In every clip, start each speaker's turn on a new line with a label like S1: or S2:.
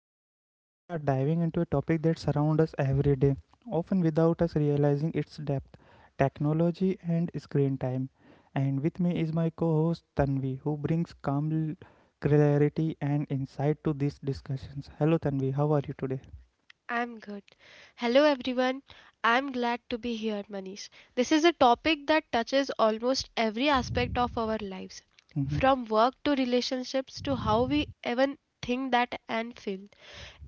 S1: and today we are diving into a topic that surrounds us every day, often without us realizing its depth technology and screen time. And with me is my co host Tanvi, who brings calm clarity and insight to these discussions. Hello Tanvi, how are you today?
S2: I'm good. Hello everyone. I'm glad to be here, Manish. This is a topic that touches almost every aspect of our lives,
S1: Mm-hmm.
S2: from work to relationships to how we even think that and feel.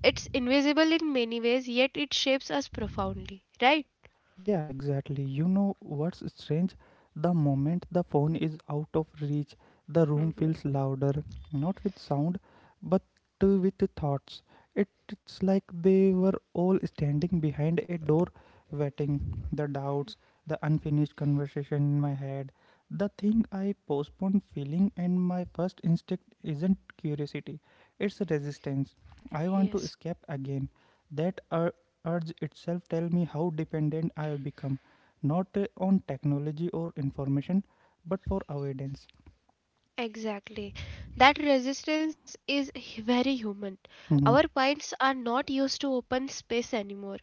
S2: It's invisible in many ways, yet it shapes us profoundly, right?
S1: Yeah, exactly. You know what's strange? The moment the phone is out of reach, the room
S2: Hmm.
S1: feels louder, not with sound, but with thoughts. It's like they were all standing behind a door, waiting. The doubts, the unfinished conversation in my head, the thing I postponed feeling, and my first instinct isn't curiosity, it's resistance. I want to
S2: Yes.
S1: escape again. That urge itself tell me how dependent I have become, not on technology or information, but for avoidance.
S2: Exactly. That resistance is very human. Our
S1: Mhm.
S2: minds are not used to open space anymore.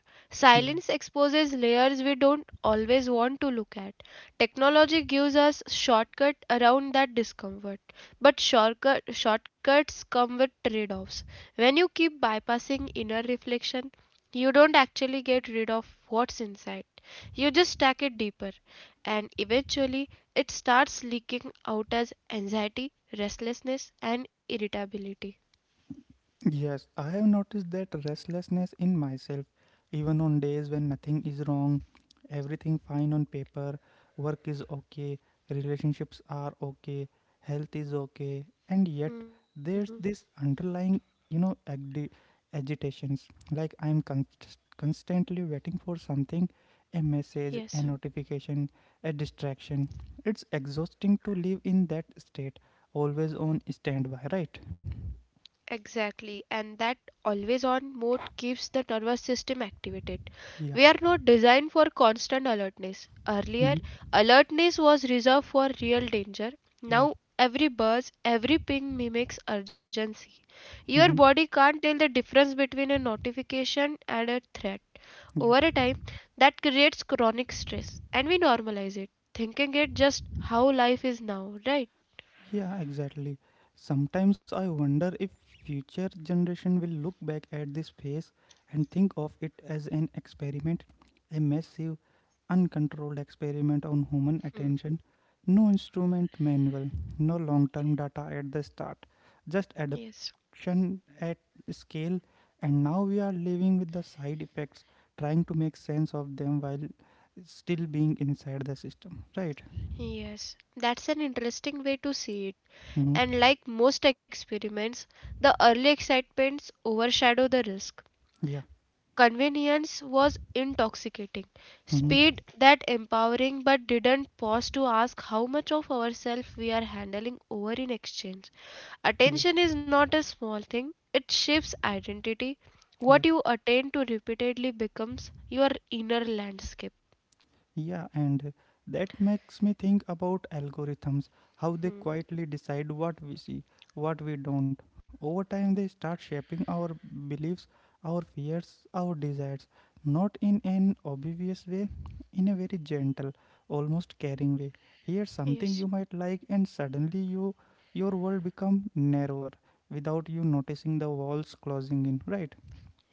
S1: Yeah.
S2: Silence exposes layers we don't always want to look at. Technology gives us shortcut around that discomfort. But shortcuts come with trade-offs. When you keep bypassing inner reflection, you don't actually get rid of what's inside. You just stack it deeper. And eventually, it starts leaking out as anxiety, restlessness, and irritability.
S1: Yes, I have noticed that restlessness in myself, even on days when nothing is wrong, everything fine on paper, work is okay, relationships are okay, health is okay, and yet there's this underlying, you know, agdi- agitations. Like I'm constantly waiting for something, a message,
S2: Yes.
S1: a notification, a distraction. It's exhausting to live in that state, always on standby, right?
S2: Exactly, and that always on mode keeps the nervous system activated. We
S1: Yeah.
S2: are not designed for constant alertness.
S1: Hmm.
S2: Earlier, alertness was reserved for real danger.
S1: Yeah.
S2: Now, every buzz, every ping mimics urgency.
S1: Hmm.
S2: Your body can't tell the difference between a notification and a threat.
S1: Yeah,
S2: Over a time, that creates chronic stress, and we normalize it, thinking it just how life is now, right?
S1: yeah, exactly. Sometimes I wonder if future generation will look back at this phase and think of it as an experiment, a massive, uncontrolled experiment on human
S2: Hmm.
S1: attention. No instrument manual, no long-term data at the start, just
S2: Yes.
S1: adaptation at scale. And now we are living with the side effects, trying to make sense of them while still being inside the system, right?
S2: Yes, that's an interesting way to see it.
S1: Hmm.
S2: And like most experiments, the early excitements overshadow the risk.
S1: Yeah.
S2: Convenience was intoxicating,
S1: Mm-hmm.
S2: speed that empowering, but didn't pause to ask how much of ourselves we are handling over in exchange.
S1: Yeah,
S2: Attention is not a small thing, it shapes identity.
S1: yeah,
S2: What you attain to repeatedly becomes your inner landscape.
S1: yeah, and that makes me think about algorithms, how they
S2: Hmm.
S1: quietly decide what we see, what we don't. Over time, they start shaping our beliefs, our fears, our desires, not in an obvious way, in a very gentle, almost caring way. Here's something
S2: Yes.
S1: you might like, and suddenly your world become narrower without you noticing the walls closing in. Right?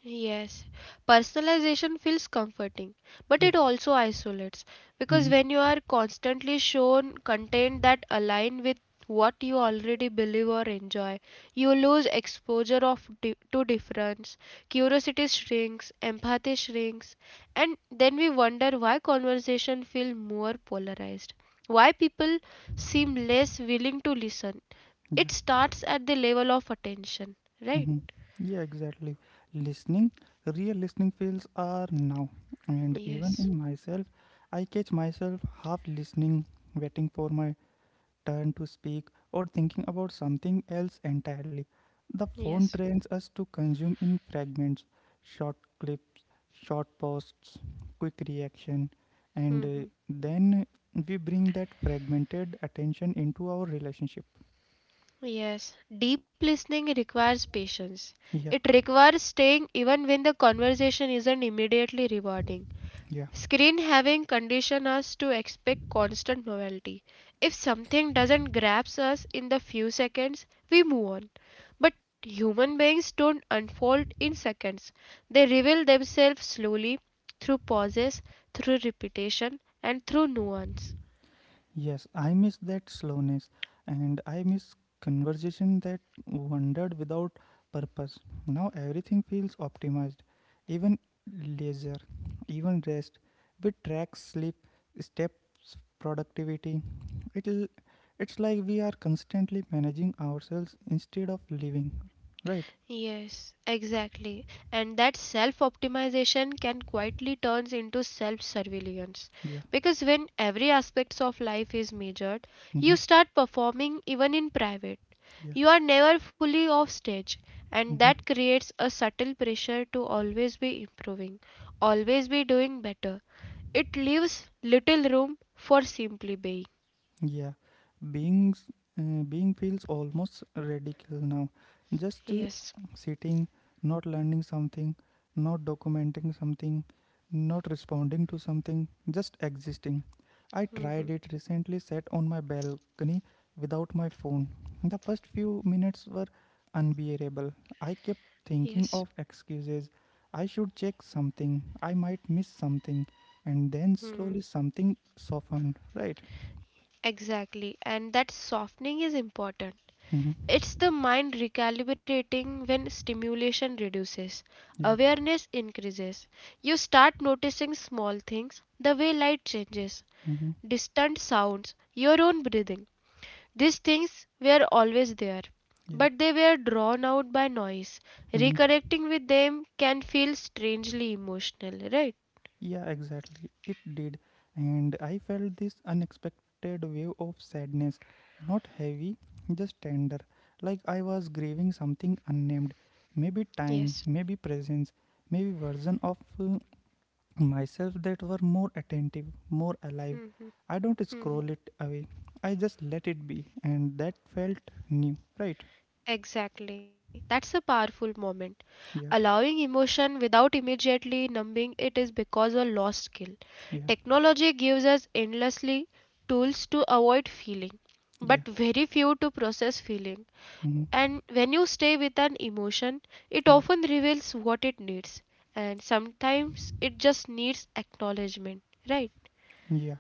S2: Yes, personalization feels comforting, but
S1: Yeah.
S2: it also isolates because
S1: Mm-hmm.
S2: when you are constantly shown content that align with what you already believe or enjoy, you lose exposure of to difference, curiosity shrinks, empathy shrinks, and then we wonder why conversation feel more polarized, why people seem less willing to listen.
S1: Yeah.
S2: It starts at the level of attention, right?
S1: Mhm. Yeah, exactly. Listening, real listening feels are now. And even
S2: Yes,
S1: in myself, I catch myself half listening, waiting for my turn to speak, or thinking about something else entirely. The phone
S2: yes.
S1: trains us to consume in fragments, short clips, short posts, quick reaction, and
S2: Hmm.
S1: then we bring that fragmented attention into our relationship.
S2: Yes, deep listening requires patience.
S1: Yeah,
S2: It requires staying even when the conversation isn't immediately rewarding.
S1: yeah.
S2: Screen having conditioned us to expect constant novelty. If something doesn't grasp us in the few seconds, we move on. But human beings don't unfold in seconds. They reveal themselves slowly through pauses, through repetition, and through nuance.
S1: Yes, I miss that slowness and I miss conversation that wandered without purpose. Now everything feels optimized, even leisure, even rest. We track sleep, steps, productivity. It'll, it's like we are constantly managing ourselves instead of living, right?
S2: Yes, exactly. And that self optimization can quietly turns into self surveillance.
S1: Yeah.
S2: Because when every aspects of life is measured,
S1: Mm-hmm.
S2: you start performing even in private.
S1: Yeah.
S2: You are never fully off stage, and
S1: Mm-hmm.
S2: that creates a subtle pressure to always be improving, always be doing better. It leaves little room for simply being.
S1: Yeah, beings being feels almost radical now. Just
S2: Yes.
S1: sitting, not learning something, not documenting something, not responding to something, just existing. I
S2: Hmm.
S1: tried it recently, sat on my balcony without my phone. The first few minutes were unbearable. I kept
S2: Yes.
S1: thinking of excuses. I should check something. I might miss something. And then
S2: Hmm.
S1: slowly something softened, right?
S2: Exactly. And that softening is important.
S1: Mm-hmm.
S2: It's the mind recalibrating when stimulation reduces,
S1: Yeah.
S2: awareness increases. You start noticing small things, the way light changes,
S1: Mm-hmm.
S2: distant sounds, your own breathing. These things were always there,
S1: Yeah.
S2: but they were drawn out by noise.
S1: Mm-hmm.
S2: Reconnecting with them can feel strangely emotional, right?
S1: Yeah, exactly. It did. And I felt this unexpected wave of sadness, not heavy, just tender, like I was grieving something unnamed. Maybe time,
S2: Yes.
S1: maybe presence, maybe version of myself that were more attentive, more alive.
S2: Hmm, hmm,
S1: I don't scroll
S2: hmm.
S1: it away. I just let it be, and that felt new, right?
S2: Exactly. That's a powerful moment.
S1: Yeah,
S2: Allowing emotion without immediately numbing it is because a lost skill.
S1: yeah,
S2: Technology gives us endlessly tools to avoid feeling,
S1: yeah.
S2: but very few to process feeling.
S1: Mm-hmm.
S2: And when you stay with an emotion, it
S1: Yeah.
S2: often reveals what it needs, and sometimes it just needs acknowledgement, right?
S1: Yeah,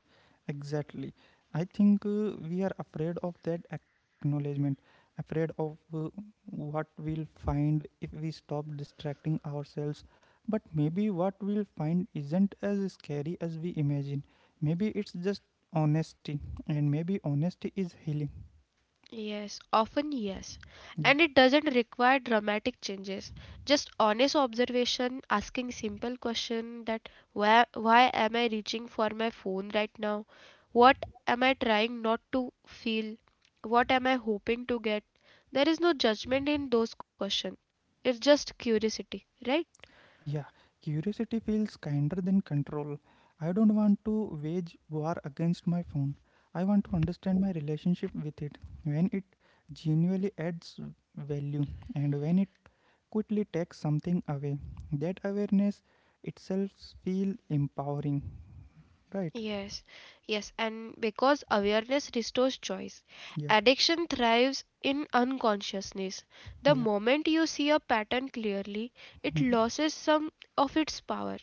S1: exactly. I think we are afraid of that acknowledgement, afraid of what we'll find if we stop distracting ourselves. But maybe what we'll find isn't as scary as we imagine. Maybe it's just honesty, and maybe honesty is healing.
S2: Yes, often yes.
S1: Yeah.
S2: And it doesn't require dramatic changes. Just honest observation, asking simple question that why am I reaching for my phone right now? What am I trying not to feel? What am I hoping to get? There is no judgment in those questions. It's just curiosity, right?
S1: Yeah, curiosity feels kinder than control. I don't want to wage war against my phone. I want to understand my relationship with it when it genuinely adds value and when it quickly takes something away. That awareness itself feels empowering, right?
S2: Yes, yes, and because awareness restores choice,
S1: Yeah,
S2: addiction thrives in unconsciousness. The
S1: yeah,
S2: moment you see a pattern clearly, it
S1: mhm,
S2: loses some of its power.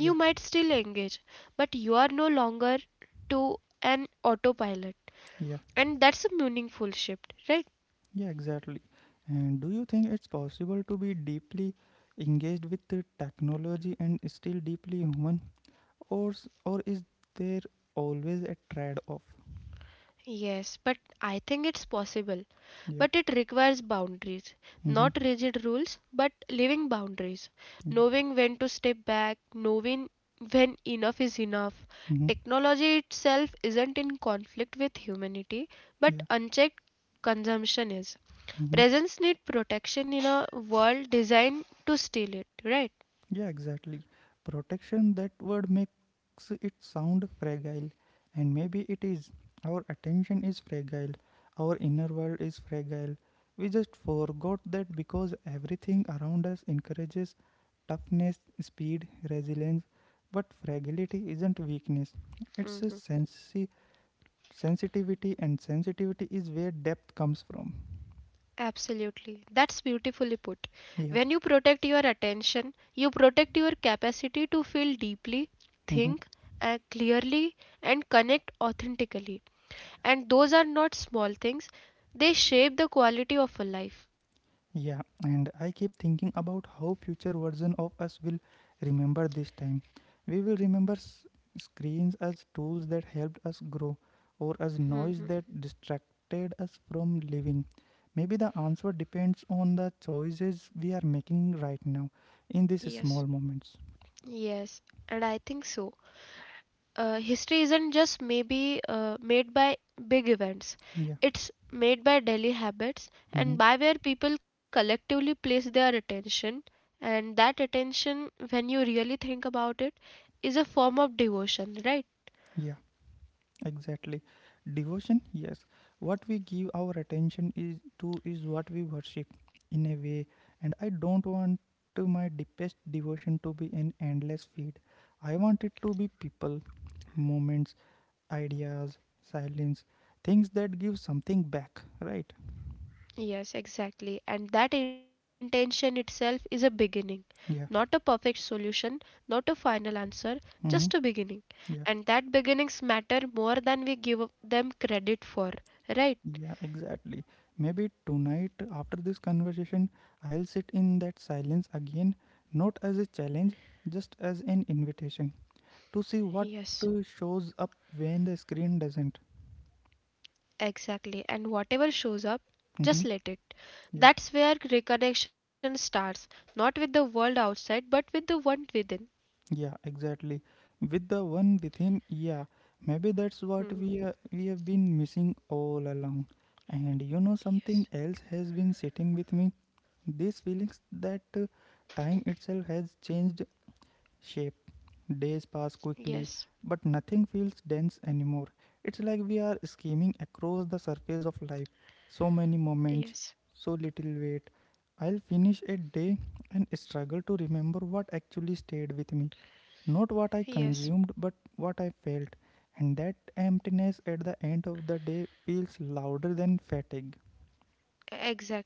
S1: yeah,
S2: might still engage, but you are no longer to an autopilot.
S1: yeah,
S2: And that's a meaningful shift, right?
S1: yeah, exactly. And do you think it's possible to be deeply engaged with the technology and still deeply human? Or is there always a trade off?
S2: Yes, but I think it's possible.
S1: Yeah.
S2: But it requires boundaries,
S1: Mm-hmm.
S2: not rigid rules, but living boundaries.
S1: Yeah.
S2: Knowing when to step back, knowing when enough is enough.
S1: Mm-hmm.
S2: Technology itself isn't in conflict with humanity, but
S1: Yeah.
S2: unchecked consumption is.
S1: Mm-hmm.
S2: Presence need protection in a world designed to steal it, right?
S1: Yeah, exactly. Protection, that word makes it sound fragile, and maybe it is. Our attention is fragile, our inner world is fragile. We just forgot that because everything around us encourages toughness, speed, resilience. But fragility isn't weakness, it's a sense sensitivity, and sensitivity is where depth comes from.
S2: Absolutely. That's beautifully put.
S1: Yeah.
S2: When you protect your attention, you protect your capacity to feel deeply,
S1: Hmm.
S2: think clearly, and connect authentically. And those are not small things, they shape the quality of a life.
S1: Yeah, and I keep thinking about how future version of us will remember this time. We will remember screens as tools that helped us grow, or as noise
S2: Hmm.
S1: that distracted us from living. Maybe the answer depends on the choices we are making right now, in these
S2: Yes.
S1: small moments.
S2: Yes. And I think so. History isn't just maybe made by big events,
S1: Yeah.
S2: it's made by daily habits
S1: Hmm.
S2: and by where people collectively place their attention. And that attention, when you really think about it, is a form of devotion, right?
S1: Yeah. Exactly. Devotion, yes. What we give our attention is what we worship in a way, and I don't want to my deepest devotion to be an endless feed. I want it to be people, moments, ideas, silence, things that give something back, right?
S2: Yes, exactly, and that intention itself is a beginning,
S1: Yeah.
S2: not a perfect solution, not a final answer,
S1: Mm-hmm.
S2: just a beginning.
S1: Yeah.
S2: And that beginnings matter more than we give them credit for, right?
S1: Yeah, exactly. Maybe tonight after this conversation, I'll sit in that silence again, not as a challenge, just as an invitation to see what
S2: Yes.
S1: shows up when the screen doesn't.
S2: Exactly. And whatever shows up, just
S1: Hmm.
S2: let it.
S1: Yeah,
S2: That's where reconnection starts, not with the world outside, but with the one within.
S1: yeah, exactly. With the one within, yeah, maybe that's what
S2: Hmm.
S1: we have been missing all along. And something else has been sitting with me. These feelings that time itself has changed shape. Days pass quickly,
S2: Yes,
S1: but nothing feels dense anymore. It's like we are skimming across the surface of life. So many moments,
S2: yes,
S1: so little weight. I'll finish a day and struggle to remember what actually stayed with me. Not what I
S2: yes.
S1: consumed, but what I felt. And that emptiness at the end of the day feels louder than fatigue.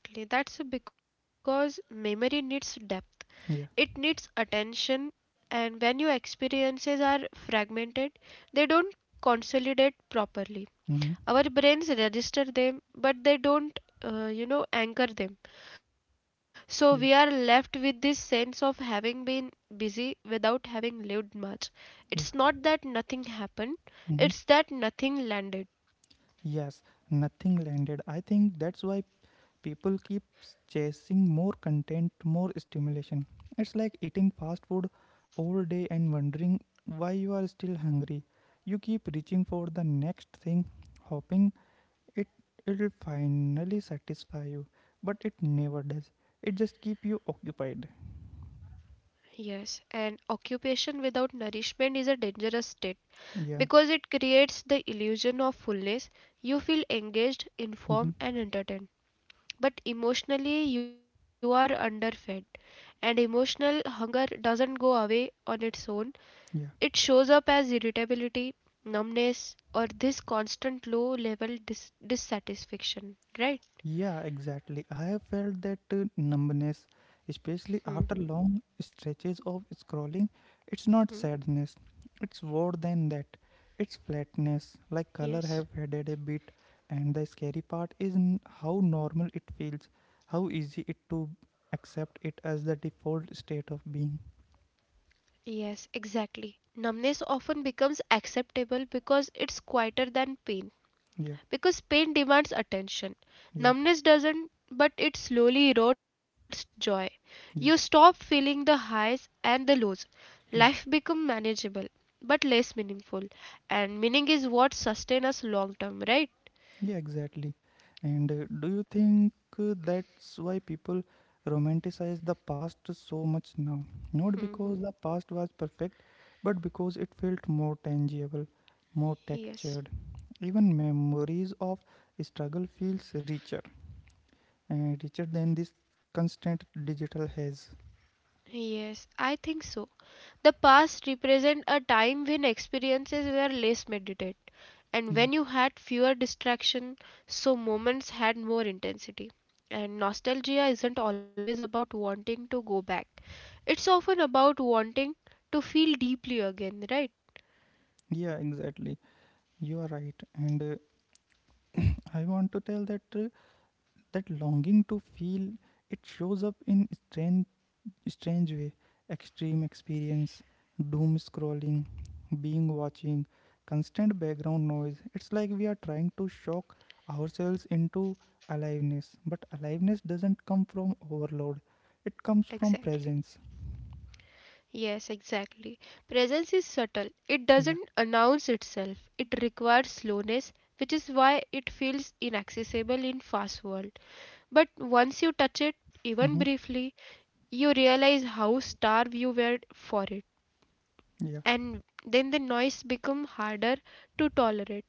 S2: Exactly. That's because memory needs depth,
S1: Yeah.
S2: it needs attention, and when your experiences are fragmented, they don't consolidate properly.
S1: Mm-hmm.
S2: Our brains register them, but they don't, anchor them. So
S1: Yeah.
S2: we are left with this sense of having been busy without having lived much.
S1: Yeah.
S2: It's not that nothing happened,
S1: Mm-hmm.
S2: it's that nothing landed.
S1: Yes, nothing landed. I think that's why people keep chasing more content, more stimulation. It's like eating fast food all day and wondering why you are still hungry. You keep reaching for the next thing, hoping it it'll finally satisfy you, but it never does. It just keep you occupied.
S2: Yes, and occupation without nourishment is a dangerous state because
S1: Yeah.
S2: it creates the illusion of fullness. You feel engaged, informed,
S1: Hmm.
S2: and entertained, but emotionally you are underfed, and emotional hunger doesn't go away on its own. It
S1: Yeah.
S2: shows up as irritability, numbness, or this constant low level dissatisfaction, right?
S1: Yeah, exactly. I have felt that numbness, especially after long stretches of scrolling. It's not sadness, it's more than that. It's flatness, like color
S2: Yes.
S1: have faded a bit, and the scary part is how normal it feels, how easy it to accept it as the default state of being.
S2: Yes, exactly. Numbness often becomes acceptable because it's quieter than pain.
S1: Yeah,
S2: Because pain demands attention.
S1: yeah,
S2: Numbness doesn't, but it slowly erodes joy. You stop
S1: yeah,
S2: feeling the highs and the lows.
S1: yeah.
S2: Life becomes manageable, but less meaningful. And meaning is what sustains us long term, right?
S1: Yeah, exactly. And do you think that's why people romanticize the past so much now? Not because the past was perfect, but because it felt more tangible, more textured.
S2: Yes.
S1: Even memories of struggle feels richer, and richer than this constant digital haze.
S2: Yes, I think so. The past represent a time when experiences were less meditated, and
S1: Yeah,
S2: when you had fewer distraction, so moments had more intensity. And nostalgia isn't always about wanting to go back. It's often about wanting to feel deeply again, right?
S1: yeah, exactly. You are right. And uh, I want to tell that that longing to feel it shows up in strange way, extreme experience, doom scrolling, being watching, constant background noise. It's like we are trying to shock ourselves into aliveness, but aliveness doesn't come from overload, it comes from
S2: Exactly.
S1: presence.
S2: Yes, exactly. Presence is subtle. It
S1: Yeah.
S2: doesn't announce itself. It requires slowness, which is why it feels inaccessible in fast world. But once you touch it, even
S1: Mm-hmm.
S2: briefly, you realize how starved you were for it.
S1: Yeah.
S2: And then the noise becomes harder to tolerate.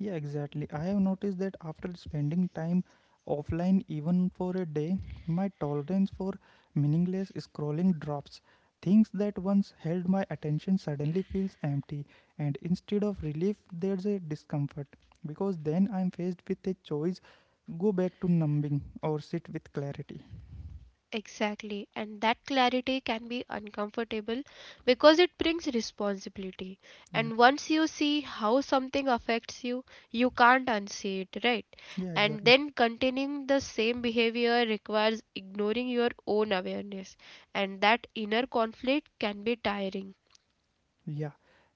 S1: Yeah, exactly. I have noticed that after spending time offline, even for a day, my tolerance for meaningless scrolling drops. Things that once held my attention suddenly feels empty, and instead of relief, there's a discomfort because then I'm faced with a choice: go back to numbing or sit with clarity.
S2: Exactly. And that clarity can be uncomfortable because it brings responsibility.
S1: Yeah,
S2: And once you see how something affects you, you can't unsee it, right?
S1: yeah,
S2: And
S1: exactly.
S2: then continuing the same behavior requires ignoring your own awareness. And that inner conflict can be tiring.
S1: Yeah,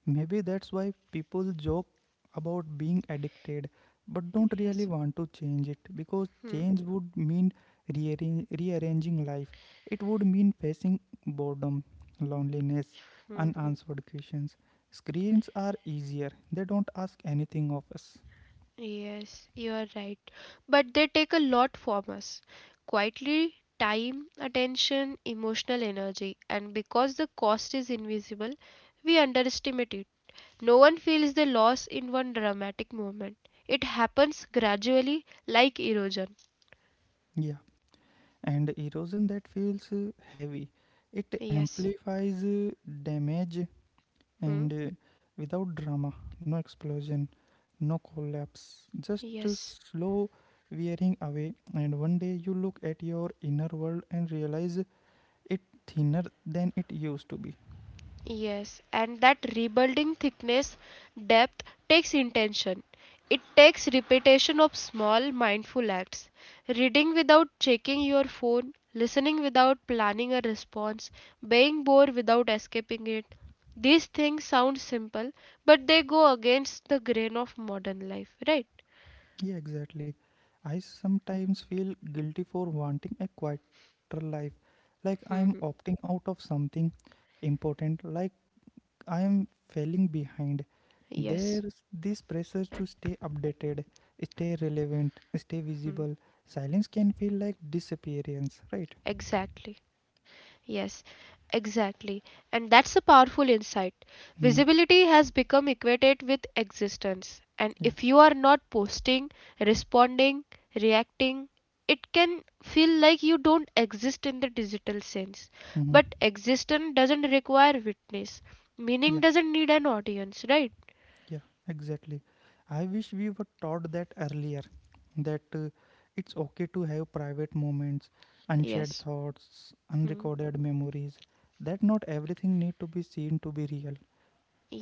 S1: maybe that's why people joke about being addicted but don't really
S2: Yes.
S1: want to change it because
S2: Hmm.
S1: change would mean rearranging life. It would mean facing boredom, loneliness, unanswered questions. Screens are easier, they don't ask anything of us.
S2: Yes, you are right. But they take a lot from us. Quietly, time, attention, emotional energy, and because the cost is invisible, we underestimate it. No one feels the loss in one dramatic moment. It happens gradually, like erosion.
S1: Yeah, and erosion that feels heavy. It
S2: Yes.
S1: amplifies damage
S2: Hmm?
S1: and without drama, no explosion, no collapse, just a
S2: Yes.
S1: slow wearing away. And one day you look at your inner world and realize it thinner than it used to be.
S2: Yes, and that rebuilding thickness depth takes intention. It takes repetition of small mindful acts. Reading without checking your phone, listening without planning a response, being bored without escaping it. These things sound simple, but they go against the grain of modern life, right?
S1: Yeah, exactly. I sometimes feel guilty for wanting a quieter life, like I'm
S2: Hmm.
S1: opting out of something important, like I am falling behind.
S2: Yes,
S1: There's this pressure to stay updated, stay relevant, stay
S2: hmm,
S1: visible. Silence can feel like disappearance, right?
S2: exactly. Yes, exactly. And that's a powerful insight.
S1: Mm.
S2: Visibility has become equated with existence. And
S1: Yeah.
S2: if you are not posting, responding, reacting, it can feel like you don't exist in the digital sense.
S1: Hmm.
S2: But existence doesn't require witness. Meaning
S1: Yeah.
S2: doesn't need an audience, right?
S1: Yeah. Exactly. I wish we were taught that earlier. That it's okay to have private moments, unshared
S2: Yes.
S1: thoughts,
S2: Hmm.
S1: unrecorded memories. That not everything need to be seen to be real.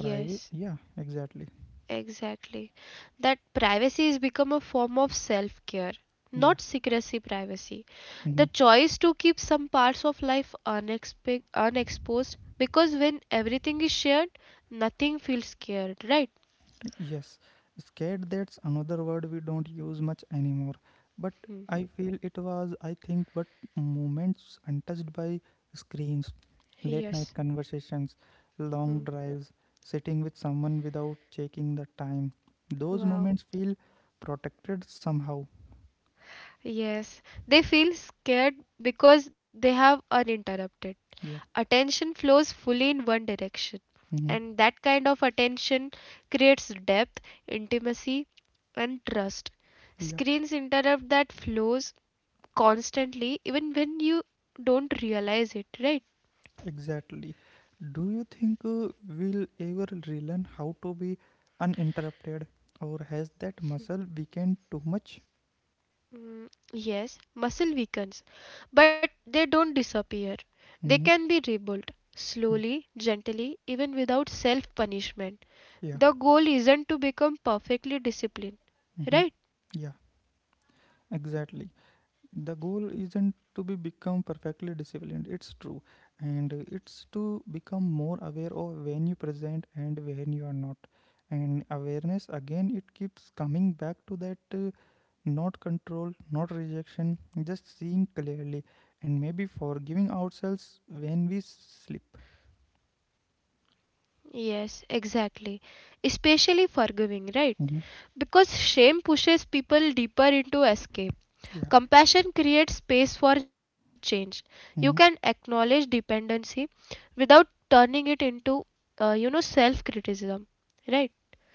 S1: Private. Yeah. Exactly.
S2: Exactly. That privacy has become a form of self care,
S1: Yeah.
S2: not secrecy privacy.
S1: Mm-hmm.
S2: The choice to keep some parts of life unexposed because when everything is shared, nothing feels scared, right?
S1: Yes, scared that's another word we don't use much anymore. But I feel it was, I think, but moments untouched by screens, late
S2: Yes.
S1: night conversations, long
S2: Hmm.
S1: drives, sitting with someone without checking the time. Those
S2: Wow.
S1: moments feel protected somehow.
S2: Yes. They feel scared because they have uninterrupted.
S1: Yeah.
S2: Attention flows fully in one direction,
S1: Hmm.
S2: and that kind of attention creates depth, intimacy, and trust.
S1: Yeah,
S2: Screens interrupt that flows constantly even when you don't realize it, right?
S1: exactly. Do you think we'll ever relearn how to be uninterrupted, or has that muscle weakened too much?
S2: Mm, yes, muscle weakens but they don't disappear. They
S1: Mm-hmm.
S2: can be rebuilt
S1: Yeah,
S2: slowly, gently, even without self punishment.
S1: yeah,
S2: The goal isn't to become perfectly disciplined,
S1: hmm,
S2: right?
S1: yeah, exactly. The goal isn't to be become perfectly disciplined. It's true, and it's to become more aware of when you present and when you are not. And awareness again, it keeps coming back to that. Not control, not rejection, just seeing clearly, and maybe forgiving ourselves when we slip.
S2: Yes, exactly. Especially forgiving, right?
S1: Mhm.
S2: Because shame pushes people deeper into escape.
S1: Yeah.
S2: Compassion creates space for change. You can
S1: Mhm.
S2: acknowledge dependency without turning it into, self criticism, right?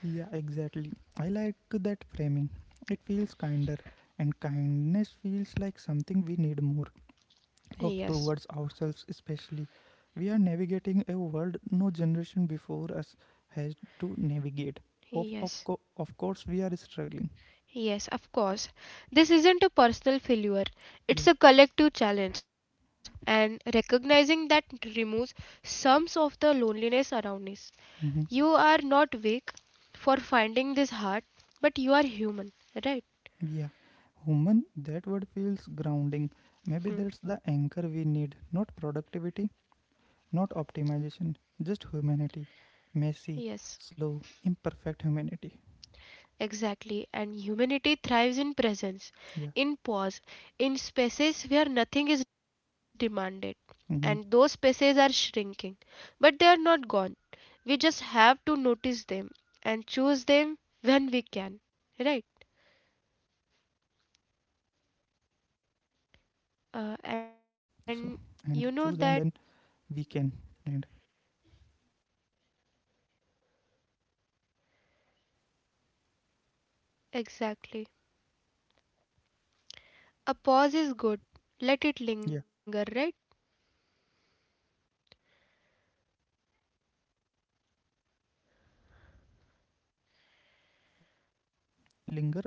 S1: Yeah, exactly. I like that framing. It feels kinder, and kindness feels like something we need more
S2: Yes,
S1: of towards ourselves, especially. We are navigating a world no generation before us has to navigate. Of, of,
S2: yes,
S1: co- of course, we are struggling.
S2: yes, of course. This isn't a personal failure,
S1: Yeah.
S2: it's a collective challenge, and recognizing that removes some of the loneliness around us. You
S1: Hmm.
S2: are not weak for finding this hard, but you are human, right?
S1: Yeah, human, that word feels grounding. Maybe
S2: Hmm.
S1: that's the anchor we need, not productivity, not optimization, just humanity.
S2: Yes,
S1: Messy, slow, imperfect humanity.
S2: exactly, and humanity thrives in presence,
S1: Yeah.
S2: in pause, in spaces where nothing is demanded. And those
S1: Mm-hmm.
S2: spaces are shrinking, but they are not gone. We just have to
S1: Yeah.
S2: notice them and
S1: Exactly.
S2: choose them when we can,
S1: And
S2: right?
S1: we just have to notice them also and choose them when
S2: uh,
S1: we
S2: and
S1: can.
S2: you know
S1: And
S2: that.
S1: yeah.
S2: Exactly. A pause is good, let it
S1: Yeah.
S2: linger, right?
S1: Yeah. Yeah. Exactly. Yeah. Let's linger. And you know.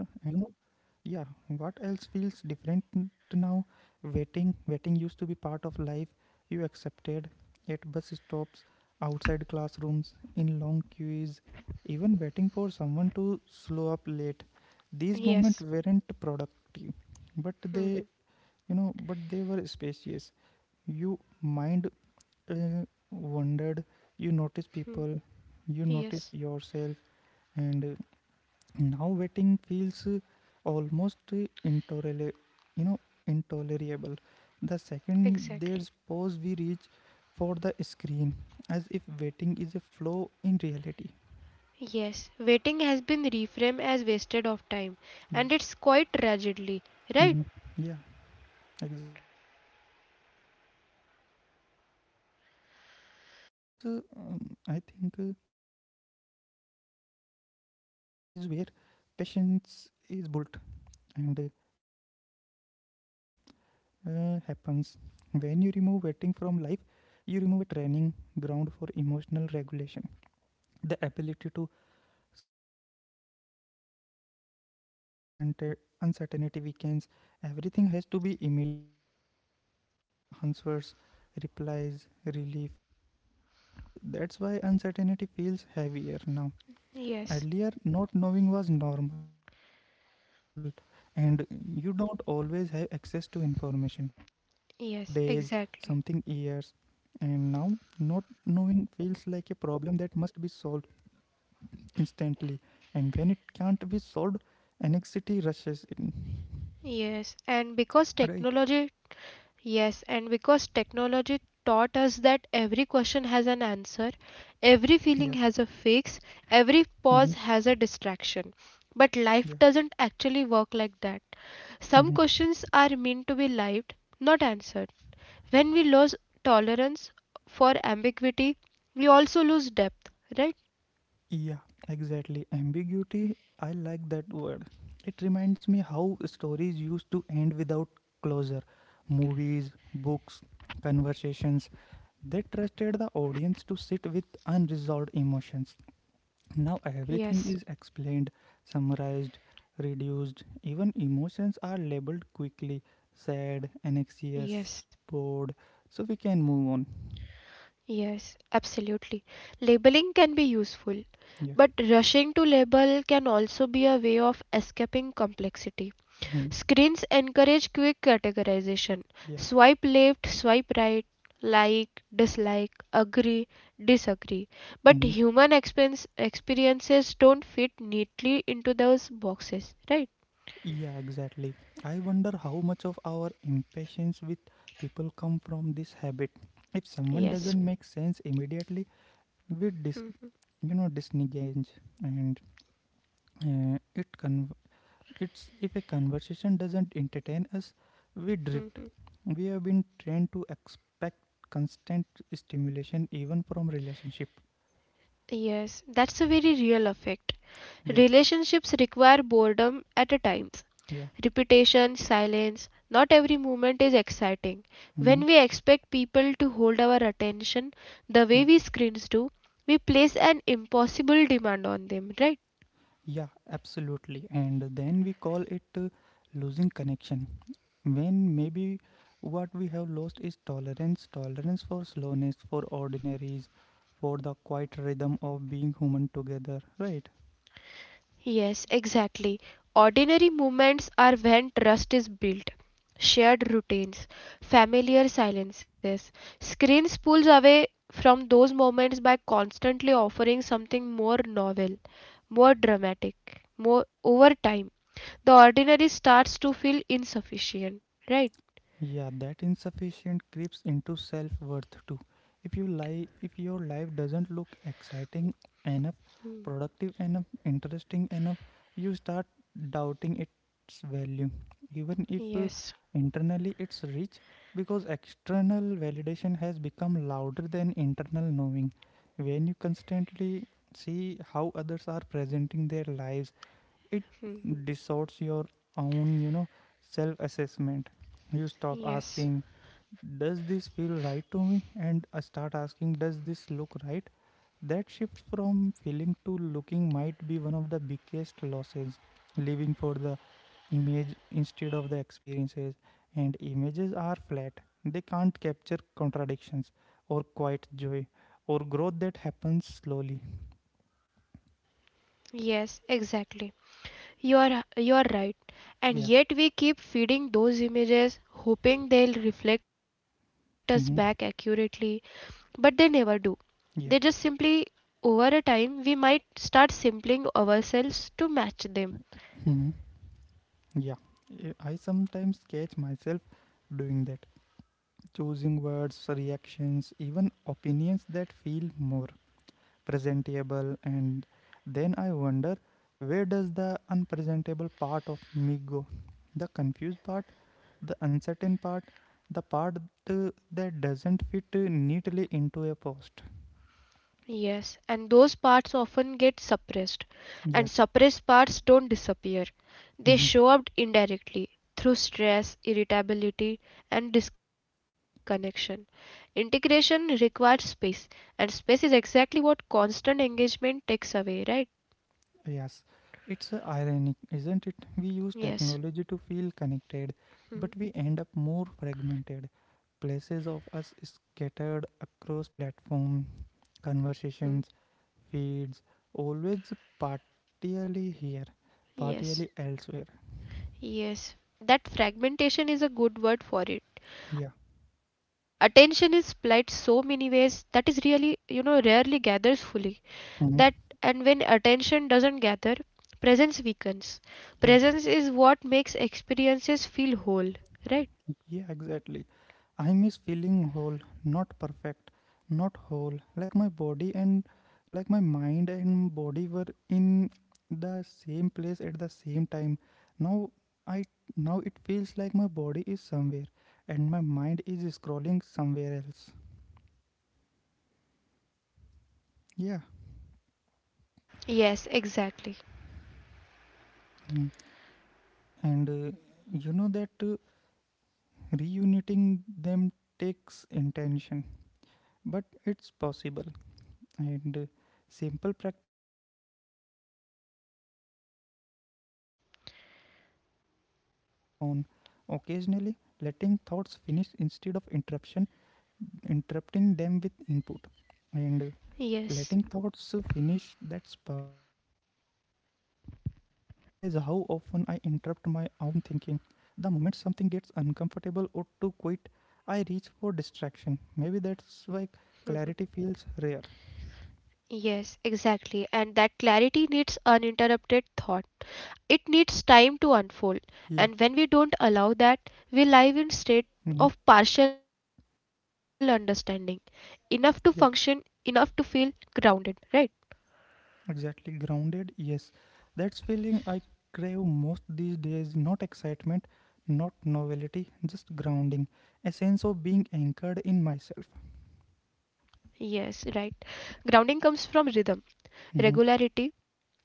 S1: Yeah, what else feels different to now? Waiting used to be part of life. You accepted at bus stops, outside classrooms, in long queues, even waiting for someone to slow up late. These
S2: Yes.
S1: moments weren't productive, but
S2: Mhm.
S1: they were spacious. You mind uh, wondered. You noticed
S2: Hmm.
S1: people. You
S2: Yes,
S1: noticed yourself, and now waiting feels almost you know, intolerable. The
S2: exactly.
S1: second there's pause we reach for the screen, as if waiting is a flow in reality.
S2: Yes, waiting has been reframed as wasted of time, and it's quite
S1: Yeah,
S2: tragedy, right?
S1: hmm, yeah, exactly. Because I think waiting is where patience is built, and it was observation happens. When you remove waiting from life, you remove a training ground for emotional regulation. The ability to sit with uncertainty weakens. Everything has to be immediate, and answers, replies, relief. I think that's why uncertainty feels heavier now.
S2: Yes,
S1: Earlier, not knowing was normal, and you don't always have access to information. You lived with questions for
S2: yes,
S1: days,
S2: exactly.
S1: something years, and now not knowing feels like a problem that must be solved instantly. And when it can't be solved, anxiety rushes in.
S2: Yes,
S1: Right?
S2: and because technology taught us that every question has an answer, every feeling has a
S1: Yeah.
S2: fix, every pause
S1: Hmm.
S2: has a distraction. But life
S1: Yeah.
S2: doesn't actually work like that. Some
S1: Hmm.
S2: questions are meant to be lived, not answered. When we lose tolerance for ambiguity, we also lose depth, right?
S1: Yeah, exactly. Ambiguity, I like that word. It reminds me how stories used to end without closure. Movies, books, conversations. They trusted the audience to sit with unresolved emotions. Now everything
S2: Yes,
S1: is explained, summarized, reduced. Even emotions are labeled quickly: sad, anxious,
S2: yes,
S1: bored. So we can move on.
S2: yes, absolutely. Labeling can be useful,
S1: Yeah.
S2: but rushing to label can also be a way of escaping complexity.
S1: Mhm.
S2: Screens encourage quick categorization.
S1: Yeah.
S2: Swipe left, swipe right, like, dislike, agree, disagree. But
S1: Mhm.
S2: human expense experiences don't fit neatly into those boxes, right?
S1: Yeah, exactly. I wonder how much of our impatience with people come from this habit. If someone
S2: Yes.
S1: doesn't make sense immediately, we disengage, and uh, it con it's if a conversation doesn't entertain us, we drift.
S2: Mhm.
S1: We have been trained to expect constant stimulation even from relationship.
S2: Yes, that's a very real effect.
S1: Yeah,
S2: Relationships require boredom at a times.
S1: yeah,
S2: Repetition, silence, not every moment is exciting. When
S1: hmm,
S2: we expect people to hold our attention the
S1: yeah.
S2: way we screens do, we place an impossible demand on them, right?
S1: Yeah, absolutely. And then we call it losing connection, when maybe what we have lost is tolerance for slowness, for ordinaries, for the quiet rhythm of being human together, right?
S2: Yes, exactly. Ordinary moments are when trust is built. Shared routines, familiar silences. Screens pulls away from those moments by constantly offering something more novel, more dramatic, more over time. The ordinary starts to feel insufficient, right?
S1: Yeah, that insufficient creeps into self worth too. If you lie, if your life doesn't look exciting enough, productive enough, interesting enough, you start doubting its value. Even if
S2: Yes,
S1: internally it's rich, because external validation has become louder than internal knowing. When you constantly see how others are presenting their lives, it distorts your own, self assessment. You stop
S2: yes,
S1: asking, does this feel right to me, and start asking, does this look right? That shift from feeling to looking might be one of the biggest losses, living for the image instead of the experiences. And images are flat, they can't capture contradictions or quiet joy or growth that happens slowly.
S2: yes, exactly. You are right. And
S1: Yeah.
S2: yet we keep feeding those images hoping they'll reflect us back
S1: Mm-hmm.
S2: accurately, but they never do. They just simply
S1: Yeah.
S2: over a time we might start simpling ourselves to match them.
S1: Mm-hmm. Yeah, I sometimes catch myself doing that, choosing words, reactions, even opinions that feel more presentable, and then I wonder, where does the unpresentable part of me go? The confused part, the uncertain part, the part that doesn't fit neatly into a post.
S2: Yes, and those parts often get suppressed, and
S1: Yeah.
S2: suppressed parts don't disappear. They show
S1: Mhm.
S2: up indirectly through stress, irritability, and disconnection. Integration requires space, and space is exactly what constant engagement takes away, right?
S1: Yes, it's ironic, isn't it? We use
S2: Yes.
S1: technology to feel connected,
S2: Hmm,
S1: but we end up more fragmented. Places of us scattered across platform,
S2: hmm.
S1: conversations, feeds, always partially here,
S2: Yes.
S1: partially elsewhere.
S2: Yes. That fragmentation is a good word for it.
S1: Yeah.
S2: Attention is split so many ways that is really, you know, rarely gathers fully. That
S1: Mhm.
S2: And when attention doesn't gather, presence weakens.
S1: Yeah.
S2: Presence is what makes experiences feel whole, right?
S1: Yeah, exactly. I miss feeling whole, not perfect, not whole. Like my mind and body were in the same place at the same time. Now I now it feels like my body is somewhere and my mind is scrolling somewhere else. Yeah.
S2: Yes, exactly.
S1: Mm. And that reuniting them takes intention, but it's possible. And simple practices help: eating without screens, walking without headphone, occasionally letting thoughts finish instead of interrupting them with input. And
S2: Yes,
S1: letting thoughts finish, that's powerful. I realize how often I interrupt my own thinking. The moment something gets uncomfortable or too quiet, I reach for distraction. Maybe that's why clarity feels rare.
S2: yes, exactly. And that clarity needs uninterrupted thought. It needs
S1: Yeah.
S2: time to unfold. And when we don't allow that, we live in
S1: Mhm.
S2: state of partial understanding, enough to function,
S1: Yeah.
S2: enough to feel grounded, right?
S1: Exactly, grounded, yes. That's feeling I crave most these days, not excitement, not novelty, just grounding, a sense of being anchored in myself.
S2: Yes, right. Grounding comes from rhythm,
S1: Hmm.
S2: regularity,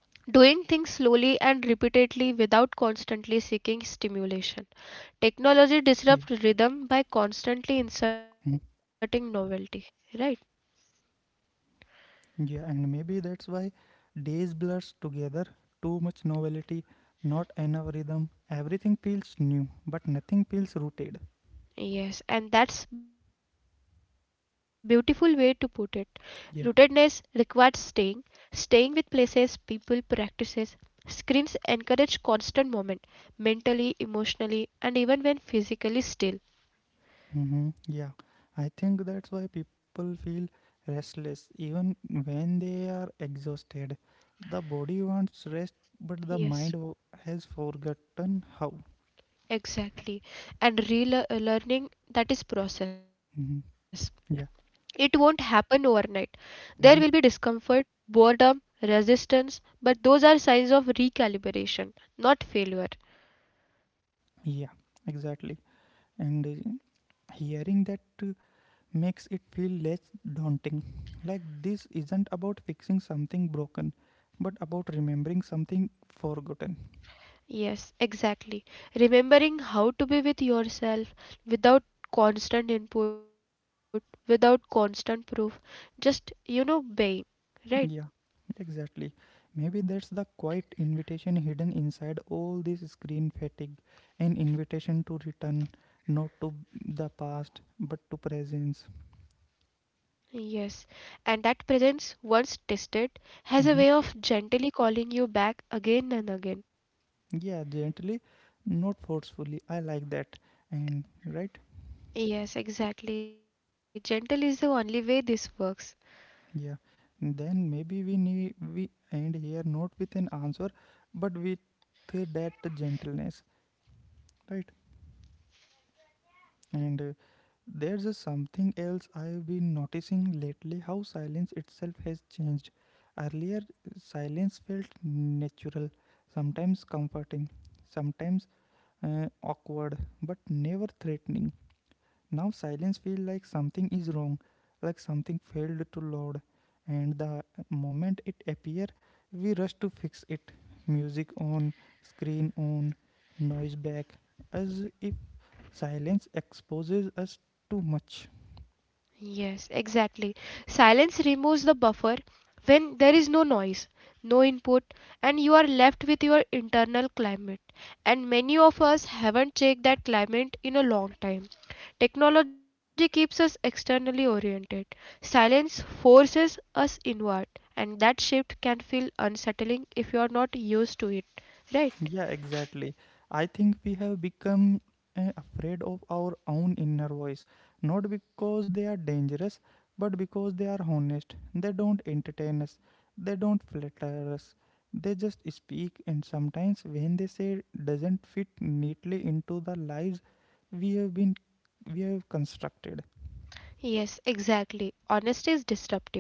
S2: doing things slowly and repeatedly without constantly seeking stimulation.
S1: Yeah.
S2: Technology disrupts rhythm by
S1: Hmm.
S2: constantly inserting novelty, right?
S1: Yeah, and maybe that's why days blurs together, too much novelty, not enough rhythm. Everything feels new, but nothing feels rooted.
S2: Yes, and that's beautiful way to put it. Rootedness requires
S1: Yeah.
S2: staying, staying with places, people, practices. Screens encourage constant movement, mentally, emotionally, and even when physically still.
S1: Mm-hmm. Yeah, I think that's why people feel restless even when they are exhausted. The body wants rest, but the mind
S2: Yes,
S1: has forgotten how.
S2: exactly. And relearning that is process.
S1: Mm-hmm.
S2: It won't
S1: Yeah.
S2: happen overnight. There will be
S1: Mhm.
S2: discomfort, boredom, resistance, but those are signs of recalibration, not failure.
S1: Yeah, exactly. And hearing that makes it feel less daunting. Like this isn't about fixing something broken, but about remembering something forgotten.
S2: Yes, exactly. Remembering how to be with yourself without constant input, without constant proof, just, you know, being, right?
S1: Yeah, exactly. Maybe that's the quiet invitation hidden inside all this screen fatigue, an invitation to return not to the past but to presence.
S2: Yes, and that presence, once tested, has a way of
S1: Hmm.
S2: gently calling you back again and again.
S1: Yeah, gently, not forcefully. I like that. And right?
S2: Yes, exactly. Gentle is the only way this works.
S1: Yeah. Then maybe we end here not with an answer, but with that gentleness, right? And there's a something else I've been noticing lately, how silence itself has changed. Earlier, silence felt natural, sometimes comforting, sometimes awkward, but never threatening. Now, silence feels like something is wrong, like something failed to load, and the moment it appears, we rush to fix it. Music on, screen on, noise back, as if silence exposes us too much.
S2: Yes, exactly. Silence removes the buffer when there is no noise, no input, and you are left with your internal climate. And many of us haven't checked that climate in a long time. Technology keeps us externally oriented. Silence forces us inward, and that shift can feel unsettling if you are not used to it, right?
S1: Yeah, exactly. I think we have become afraid of our own inner voice, not because they are dangerous, but because they are honest. They don't entertain us, they don't flatter us. They just speak, and sometimes when they say doesn't fit neatly into the lives we have been we have constructed.
S2: Yes, exactly. Honesty is disruptive,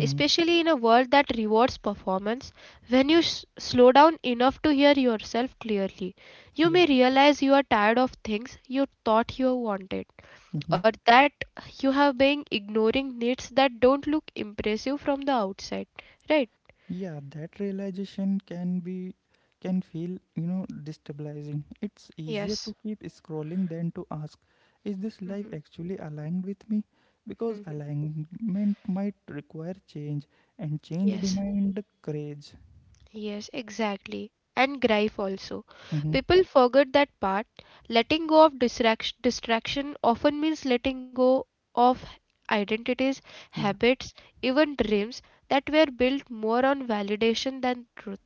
S1: Mm.
S2: in a world that rewards performance. When you s slow down enough to hear yourself clearly, you
S1: Yeah.
S2: may realize you are tired of things you thought you wanted,
S1: Mm-hmm.
S2: or that you have been ignoring needs that don't look impressive from the outside. Right?
S1: Yeah, that realization can feel, destabilizing. It's easier to
S2: Yes.
S1: keep scrolling than to ask, is this life
S2: Hmm.
S1: actually aligned with me? Because
S2: Hmm.
S1: alignment might require change, and change
S2: Yes.
S1: demand courage.
S2: Yes, exactly. And grief also.
S1: Mm-hmm.
S2: People forget that part. Letting go of distraction often means letting go of identities,
S1: Yeah,
S2: habits, even dreams that were built more on validation than truth.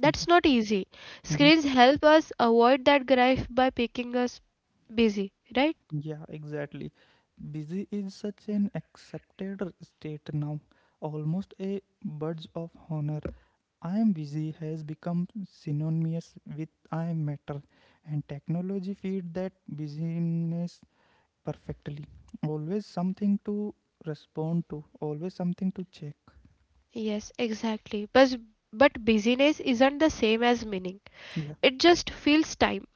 S2: That's
S1: yeah,
S2: not easy.
S1: mm-hmm,
S2: Screens help us avoid that grief by picking us busy, right?
S1: yeah, exactly. Busy is such an accepted state now, almost a badge of honor. I am busy has become synonymous with I am matter, and technology feed that busyness perfectly. Always something to respond to, always something to check.
S2: Yes, exactly. But busyness isn't the same as meaning.
S1: Yeah,
S2: It just feels time.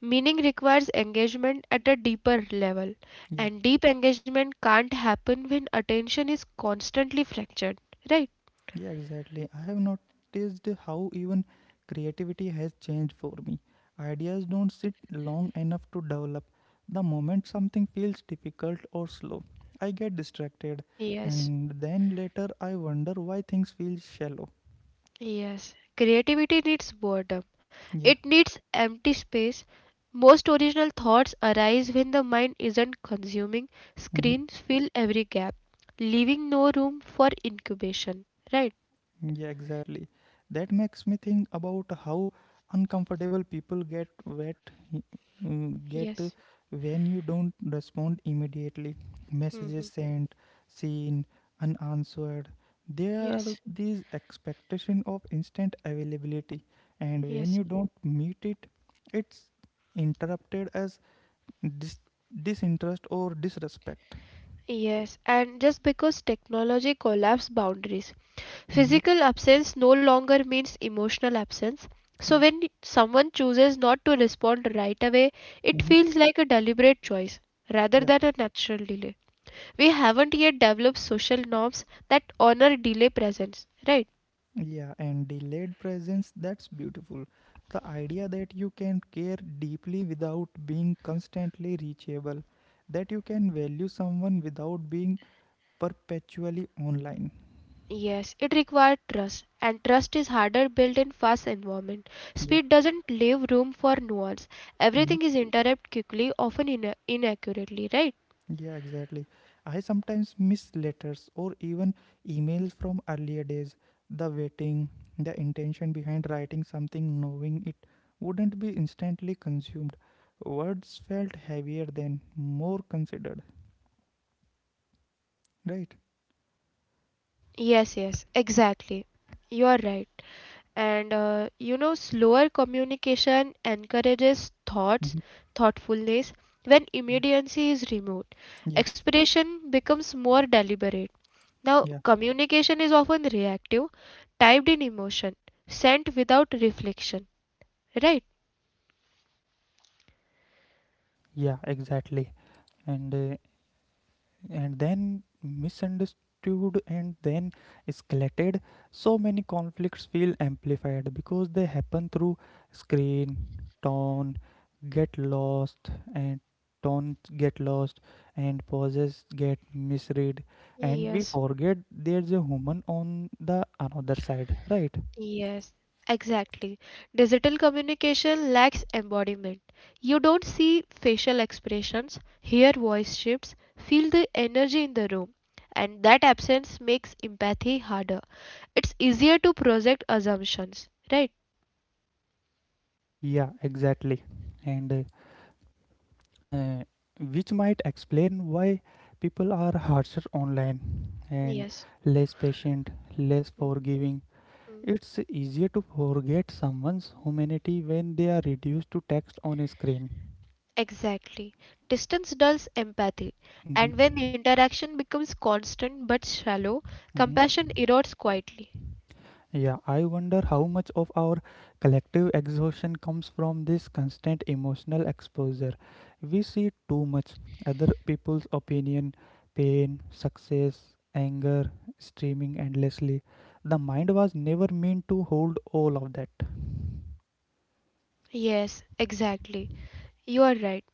S2: Meaning requires engagement at a deeper level,
S1: yeah,
S2: and deep engagement can't happen when attention is constantly fractured, right?
S1: yeah, exactly. I have noticed how even creativity has changed for me. Ideas don't sit long enough to develop. The moment something feels difficult or slow, I get distracted,
S2: Yes,
S1: and then later I wonder why things feel shallow.
S2: yes. Creativity needs boredom,
S1: Yeah.
S2: it needs empty space. Most original thoughts arise when the mind isn't consuming.
S1: Mhm.
S2: Screens fill every gap, leaving no room for incubation, right?
S1: Yeah, exactly. That makes me think about how uncomfortable people get
S2: Yes.
S1: when you don't respond immediately. Messages
S2: Hmm.
S1: sent, seen, unanswered. There are
S2: Yes.
S1: these expectation of instant availability, and when
S2: Yes.
S1: you don't meet it, it's interrupted as dis- disinterest or disrespect.
S2: Yes, and just because technology collapsed boundaries,
S1: Mhm.
S2: physical absence no longer means emotional absence. So,
S1: Yeah.
S2: when someone chooses not to respond right away, it
S1: Mhm.
S2: feels like a deliberate choice rather
S1: Yeah.
S2: than a natural delay. We haven't yet developed social norms that honor delay presence, right?
S1: Yeah, and delayed presence, that's beautiful. The idea that you can care deeply without being constantly reachable, that you can value someone without being perpetually online.
S2: Yes, it required trust, and trust is harder built in fast environment.
S1: Yeah.
S2: Speed doesn't leave room for nuance.
S1: Mhm.
S2: Everything is interrupted quickly, often inaccurately, right?
S1: Yeah, exactly. I sometimes miss letters or even emails from earlier days. The waiting, the intention behind writing something, knowing it wouldn't be instantly consumed. Words felt heavier then, more considered, right?
S2: Yes, exactly. You are right. And you know, slower communication encourages
S1: Mm-hmm.
S2: thoughtfulness. When
S1: Yeah,
S2: immediacy is removed,
S1: yeah,
S2: expression becomes more deliberate. Now,
S1: yeah,
S2: communication is often reactive, typed in emotion, sent without reflection, right?
S1: yeah, exactly. And uh, and then misunderstood, and then escalated. So many conflicts feel amplified because they happen through screen, tone, get lost, and tone get lost, and pauses get misread, and
S2: Yes.
S1: we forget there's a human on the another side, right?
S2: Yes, exactly. Digital communication lacks embodiment. You don't see facial expressions, hear voice shifts, feel the energy in the room, and that absence makes empathy harder. It's easier to project assumptions, right?
S1: Yeah, exactly. And uh, which might explain why people are harsher online and
S2: Yes.
S1: less patient, less
S2: Mm,
S1: forgiving.
S2: mm.
S1: It's easier to forget someone's humanity when they are reduced to text on a screen.
S2: Exactly. Distance dulls empathy,
S1: Mhm,
S2: and when interaction becomes constant but shallow, compassion
S1: mhm.
S2: erodes quietly.
S1: Yeah, I wonder how much of our collective exhaustion comes from this constant emotional exposure. We see too much other people's opinion, pain, success, anger, streaming endlessly. The mind was never meant to hold all of that.
S2: Yes, exactly. You are right.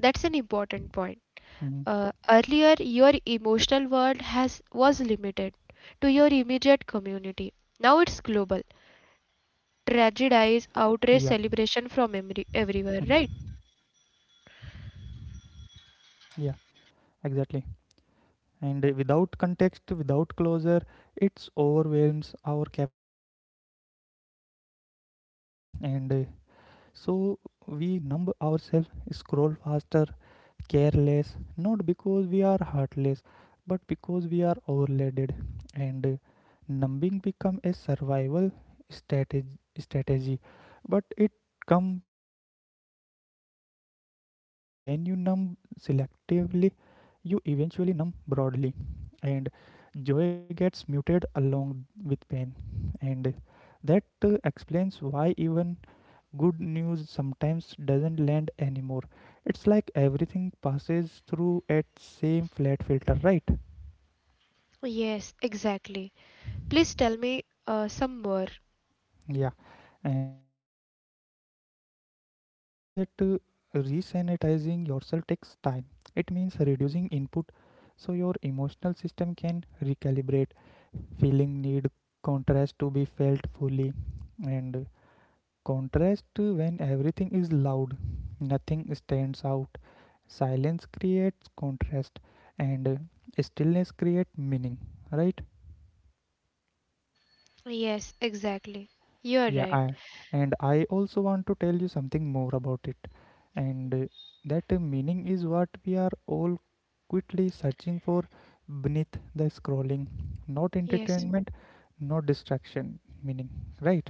S2: That's an important point.
S1: Mhm.
S2: Earlier, your emotional world has was limited to your immediate community. Now
S1: Yeah,
S2: it's global.
S1: yeah.
S2: Tragedies, outrage, celebration from
S1: Mhm.
S2: everywhere, right?
S1: Yeah, exactly. And without context, without closure, it overwhelms our capacity to process. And So we numb ourselves, scroll faster, careless, not because we are heartless, but because we are overloaded. And numbing become a survival strategy, but it come at a cost. When you numb selectively, you eventually numb broadly, and joy gets muted along with pain. And that explains why even good news sometimes doesn't land anymore. It's like everything passes through at same flat filter, right?
S2: Yes, exactly. Please tell me some more.
S1: Yeah, and I want to say that resanitizing yourself takes time. It means reducing input so your emotional system can recalibrate. Feeling need contrast to be felt fully, and contrast when everything is loud, nothing stands out. Silence creates contrast, and stillness creates meaning. Right?
S2: Yes, exactly. You're
S1: Yeah.
S2: right.
S1: I, and I also want to tell you something more about it, and that meaning is what we are all quickly searching for beneath the scrolling. Not
S2: Yes.
S1: entertainment, not distraction. Meaning. Right?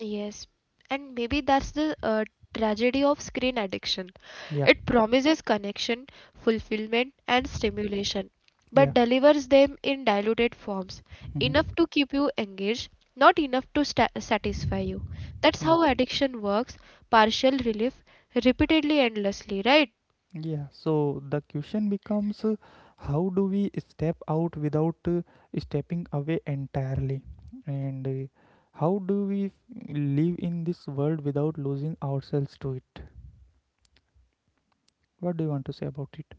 S2: Yes, and maybe that's the tragedy of screen addiction.
S1: Yeah.
S2: It promises connection, fulfillment, and stimulation,
S1: Yeah.
S2: but delivers them in diluted forms, enough
S1: hmm
S2: to keep you engaged, not enough to sta satisfy you. That's how addiction works, partial relief, repeatedly, endlessly, right?
S1: Yeah, so the question becomes how do we step out without stepping away entirely? And how do live in this world without losing ourselves to it? What do you want to say about it?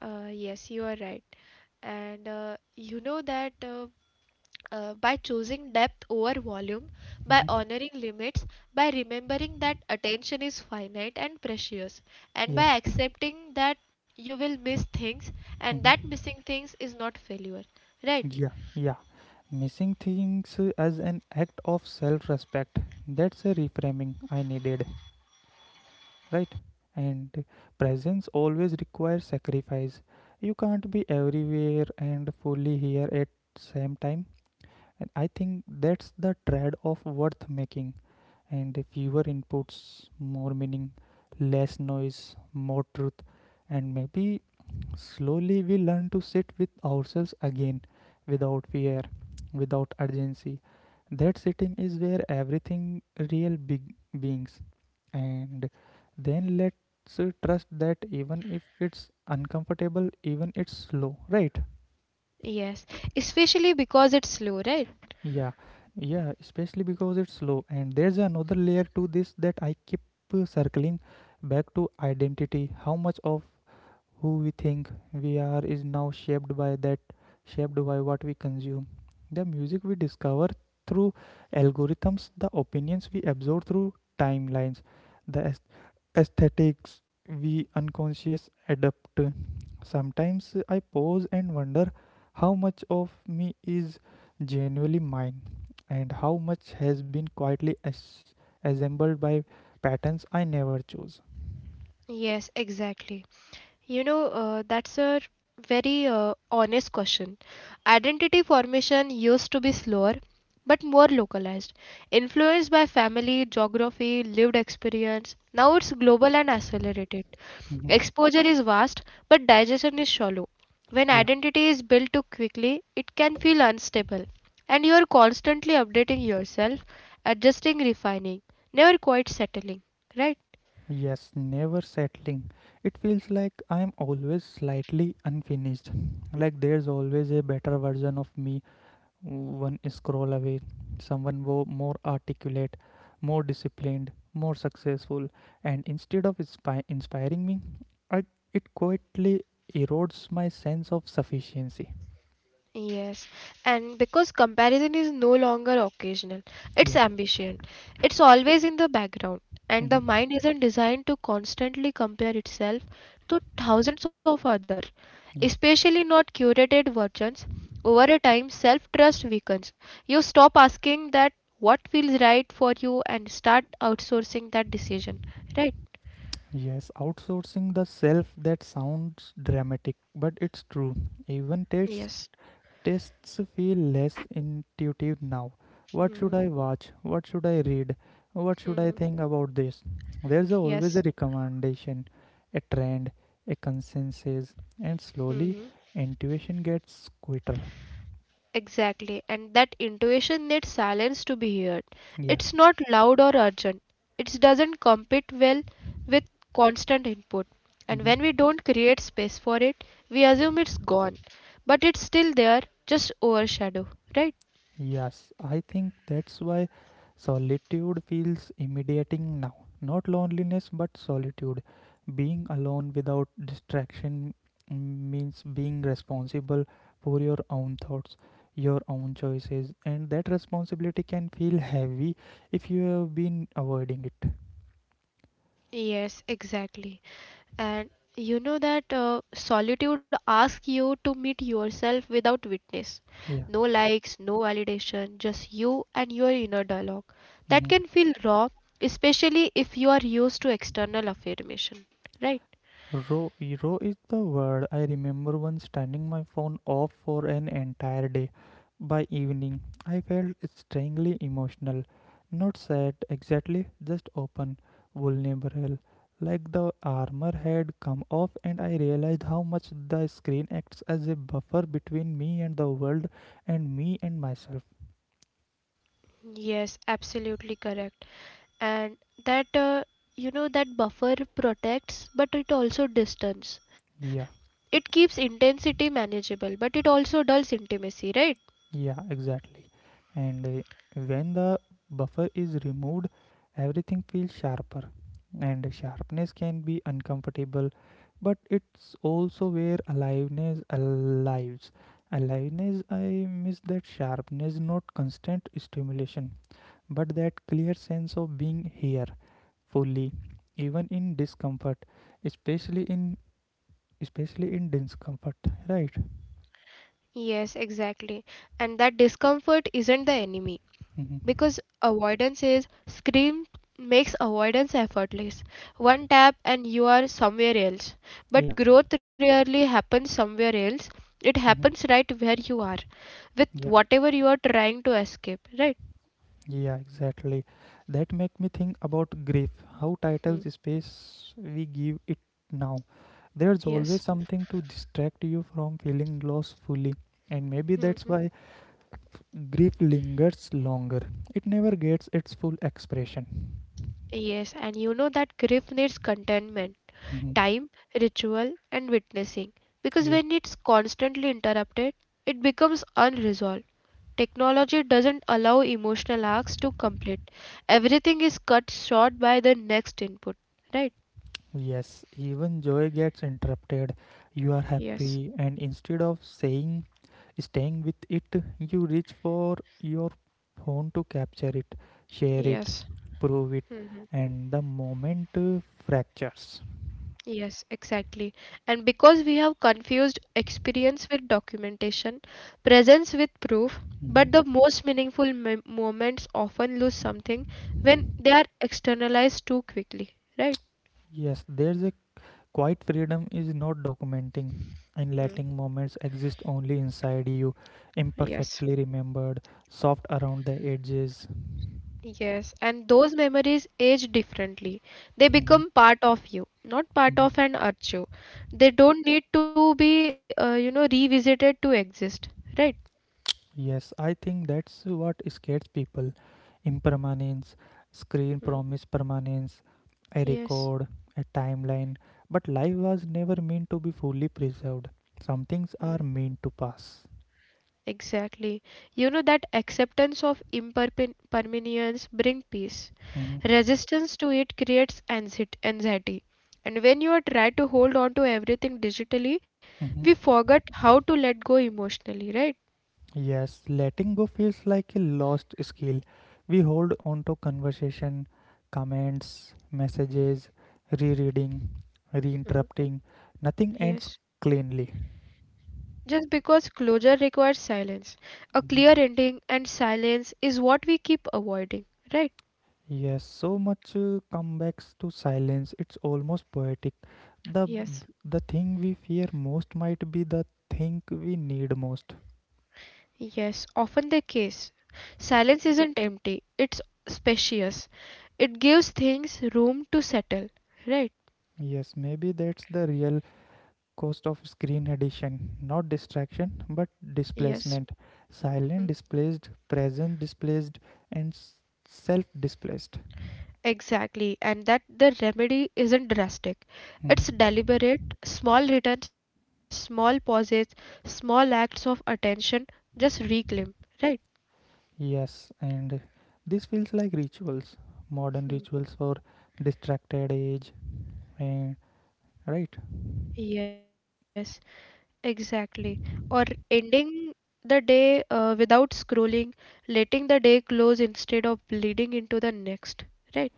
S2: Yes, you are right. And you know that by choosing depth over volume, by
S1: Hmm
S2: honoring limits, by remembering that attention is finite and precious, and
S1: Yeah.
S2: by accepting that you will miss things and
S1: hmm
S2: that missing things is not failure, right?
S1: Yeah, yeah. Missing things as an act of self respect. That's a reframing I needed, right? And presence always requires sacrifice. You can't be everywhere and fully here at same time. And I think that's the trade of worth making. And fewer inputs, more meaning, less noise, more truth, and maybe slowly, we learn to sit with ourselves again without fear, without urgency. That sitting is where everything real big beings. And then let's trust that even if it's uncomfortable, even it's slow, right?
S2: Yes, especially because it's slow, right?
S1: Yeah, yeah, especially because it's slow. And there's another layer to this that I keep circling back to identity. How much of who we think we are is now shaped by that shaped by what we consume, the music we discover through algorithms, the opinions we absorb through timelines, the aesthetics we unconscious adapt. Sometimes I pause and wonder how much of me is genuinely mine and how much has been quietly assembled by patterns I never chose.
S2: Yes, exactly. You know, that's a very honest question. Identity formation used to be slower, but more localized, influenced by family, geography, lived experience. Now it's global and accelerated.
S1: Mhm.
S2: Exposure is vast, but digestion is shallow. When
S1: Yeah.
S2: identity is built too quickly, it can feel unstable, and you are constantly updating yourself, adjusting, refining, never quite settling, right?
S1: Yes, never settling. It feels like I am always slightly unfinished. Like there's always a better version of me one scroll away. Someone more articulate, more disciplined, more successful. And instead of inspiring me, I, it quietly erodes my sense of sufficiency.
S2: Yes, and because comparison is no longer occasional, it's
S1: Yeah.
S2: ambition. It's always in the background, and
S1: Mhm.
S2: the mind isn't designed to constantly compare itself to thousands of others,
S1: Yeah.
S2: especially not curated versions. Over a time, self-trust weakens. You stop asking that what feels right for you and start outsourcing that decision, right?
S1: Yes, outsourcing the self, that sounds dramatic, but it's true. Even
S2: Yes.
S1: tastes feel less intuitive now. What should
S2: Hmm.
S1: I watch? What should I read? What should
S2: Hmm.
S1: I think about this? There's always a
S2: Yes.
S1: recommendation, a trend, a consensus, and slowly intuition gets quieter.
S2: Exactly, and that intuition needs silence to be heard.
S1: Yeah.
S2: It's not loud or urgent. It doesn't compete well with constant input. And
S1: Mhm.
S2: when we don't create space for it, we assume it's gone. But it's still there, just overshadowed, right?
S1: Yes, I think that's why solitude feels intimidating now. Not loneliness, but solitude. Being alone without distraction means being responsible for your own thoughts, your own choices, and that responsibility can feel heavy if you have been avoiding it.
S2: Yes, exactly. And you know that solitude asks you to meet yourself without witness.
S1: Yeah.
S2: No likes, no validation, just you and your inner dialogue. That
S1: Mhm.
S2: can feel raw, especially if you are used to external affirmation, right?
S1: Row, row is the word. I remember once turning my phone off for an entire day. By evening, I felt strangely emotional. Not sad exactly, just open, vulnerable. Like the armor had come off, and I realized how much the screen acts as a buffer between me and the world and me and myself.
S2: Yes, absolutely correct. And that, uh, you know, that buffer protects, but it also distance.
S1: Yeah.
S2: It keeps intensity manageable, but it also dulls intimacy, right?
S1: Yeah, exactly. And when the buffer is removed, everything feels sharper. And sharpness can be uncomfortable, but it's also where aliveness alives. Aliveness, I miss that sharpness, not constant stimulation, but that clear sense of being here fully, even in discomfort, especially in especially in discomfort, right?
S2: Yes, exactly. And that discomfort isn't the enemy
S1: Mm-hmm.
S2: because avoidance is scream makes avoidance effortless. One tap and you are somewhere else.
S1: Yeah.
S2: But growth rarely happens somewhere else. It
S1: Mm-hmm.
S2: happens right where you are with
S1: Yeah.
S2: whatever you are trying to escape, right?
S1: Yeah, exactly. That make me think about grief, how titles
S2: Hmm.
S1: space we give it now. There's always
S2: Yes.
S1: something to distract you from feeling loss fully, and maybe that's
S2: Hmm.
S1: why grief lingers longer. It never gets its full expression.
S2: Yes, and you know that grief needs contentment
S1: Mhm.
S2: time, ritual, and witnessing because
S1: Yeah.
S2: when it's constantly interrupted, it becomes unresolved. Technology doesn't allow emotional arcs to complete. Everything is cut short by the next input, right?
S1: Yes, even joy gets interrupted. You are
S2: Yes,
S1: happy, and instead of saying, staying with it, you reach for your phone to capture it, share it,
S2: yes.
S1: prove it,
S2: Hmm.
S1: and the moment fractures.
S2: Yes, exactly. And because we have confused experience with documentation, presence with proof,
S1: Mhm.
S2: but the most meaningful moments often lose something when they are externalized too quickly, right?
S1: Yes, there's a quiet freedom is not documenting and letting moments exist only inside you,
S2: Yes,
S1: imperfectly remembered, soft around the edges.
S2: yes. And those memories age differently. They
S1: Mhm.
S2: become part of you, not part of an archive. They don't need to be, you know, revisited to exist, right?
S1: Yes, I think that's what scares people. Impermanence, screen
S2: Mm.
S1: promise permanence, a
S2: Yes,
S1: record, a timeline. But life was never meant to be fully preserved. Some things are meant to pass.
S2: exactly. You know, that acceptance of impermanence bring peace.
S1: Hmm
S2: Resistance to it creates anxiety. And when you are try to hold on to everything digitally,
S1: hmm
S2: we forget how to let go emotionally, right?
S1: Yes, letting go feels like a lost skill. We hold on to conversation, comments, messages, rereading,
S2: Mm.
S1: reinterrupting. Nothing ends
S2: Yes.
S1: cleanly.
S2: Just because closure requires silence. A
S1: Mhm.
S2: clear ending and silence is what we keep avoiding, right?
S1: Yes, so much comebacks to silence. It's almost poetic. The
S2: Yes.
S1: the thing we fear most might be the thing we need most.
S2: Yes, often the case. Silence isn't empty, it's spacious. It gives things room to settle, right?
S1: Yes, maybe that's the real cost of screen addiction. Not distraction, but
S2: Yes,
S1: displacement. Silent displaced, present displaced, and self displaced.
S2: exactly. And that the remedy isn't drastic. It's
S1: Mhm.
S2: deliberate, small returns, small pauses, small acts of attention, just reclaim, right?
S1: Yes, and this feels like rituals, modern rituals for distracted age, and right.
S2: Yes. Exactly. Or ending the day without scrolling, letting the day close instead of bleeding into the next, right?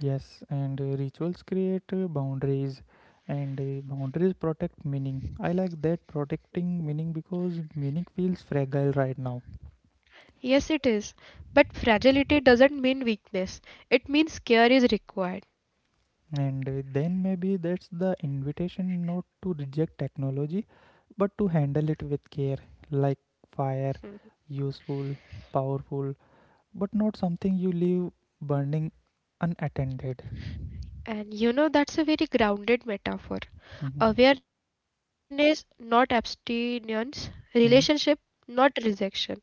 S1: Yes, and rituals create boundaries, and boundaries protect meaning. I like that, protecting meaning, because meaning feels fragile right now.
S2: Yes, it is. But fragility doesn't mean weakness. It means care is required.
S1: And Then maybe that's the invitation, not to reject technology but to handle it with care, like fire, useful, powerful, but not something you leave burning unattended.
S2: And you know, that's a very grounded metaphor.
S1: Mhm.
S2: Awareness, not abstinence. Relationship, not rejection, right?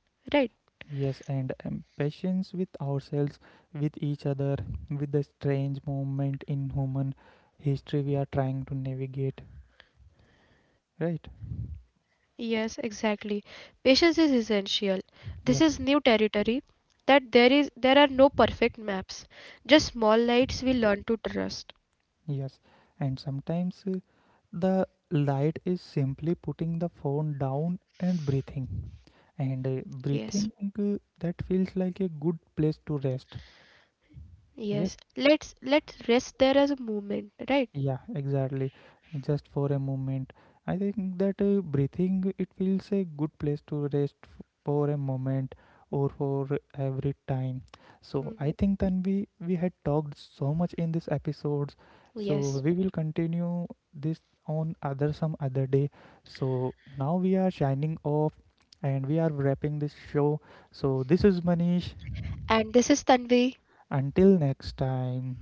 S1: Yes, and patience with ourselves, with each other, with the strange moment in human history we are trying to navigate, right?
S2: Yes, exactly. Patience is essential. This is
S1: Yeah,
S2: new territory that there are no perfect maps, just small lights we learn to trust.
S1: yes. And sometimes the light is simply putting the phone down and breathing. And
S2: Yes.
S1: breathing, that feels like a good place to rest.
S2: Yes.
S1: Yes,
S2: Let's rest there as a movement, right?
S1: yeah, exactly. Just for a moment. I think that breathing, it feels a good place to rest for a moment or for every time. So I
S2: Hmm.
S1: think then we had talked so much in this episodes, so we
S2: Yes.
S1: will continue this on other some other day. So now we are shining off and we are wrapping this show. So this is Manish,
S2: And this is Tanvi.
S1: until next time.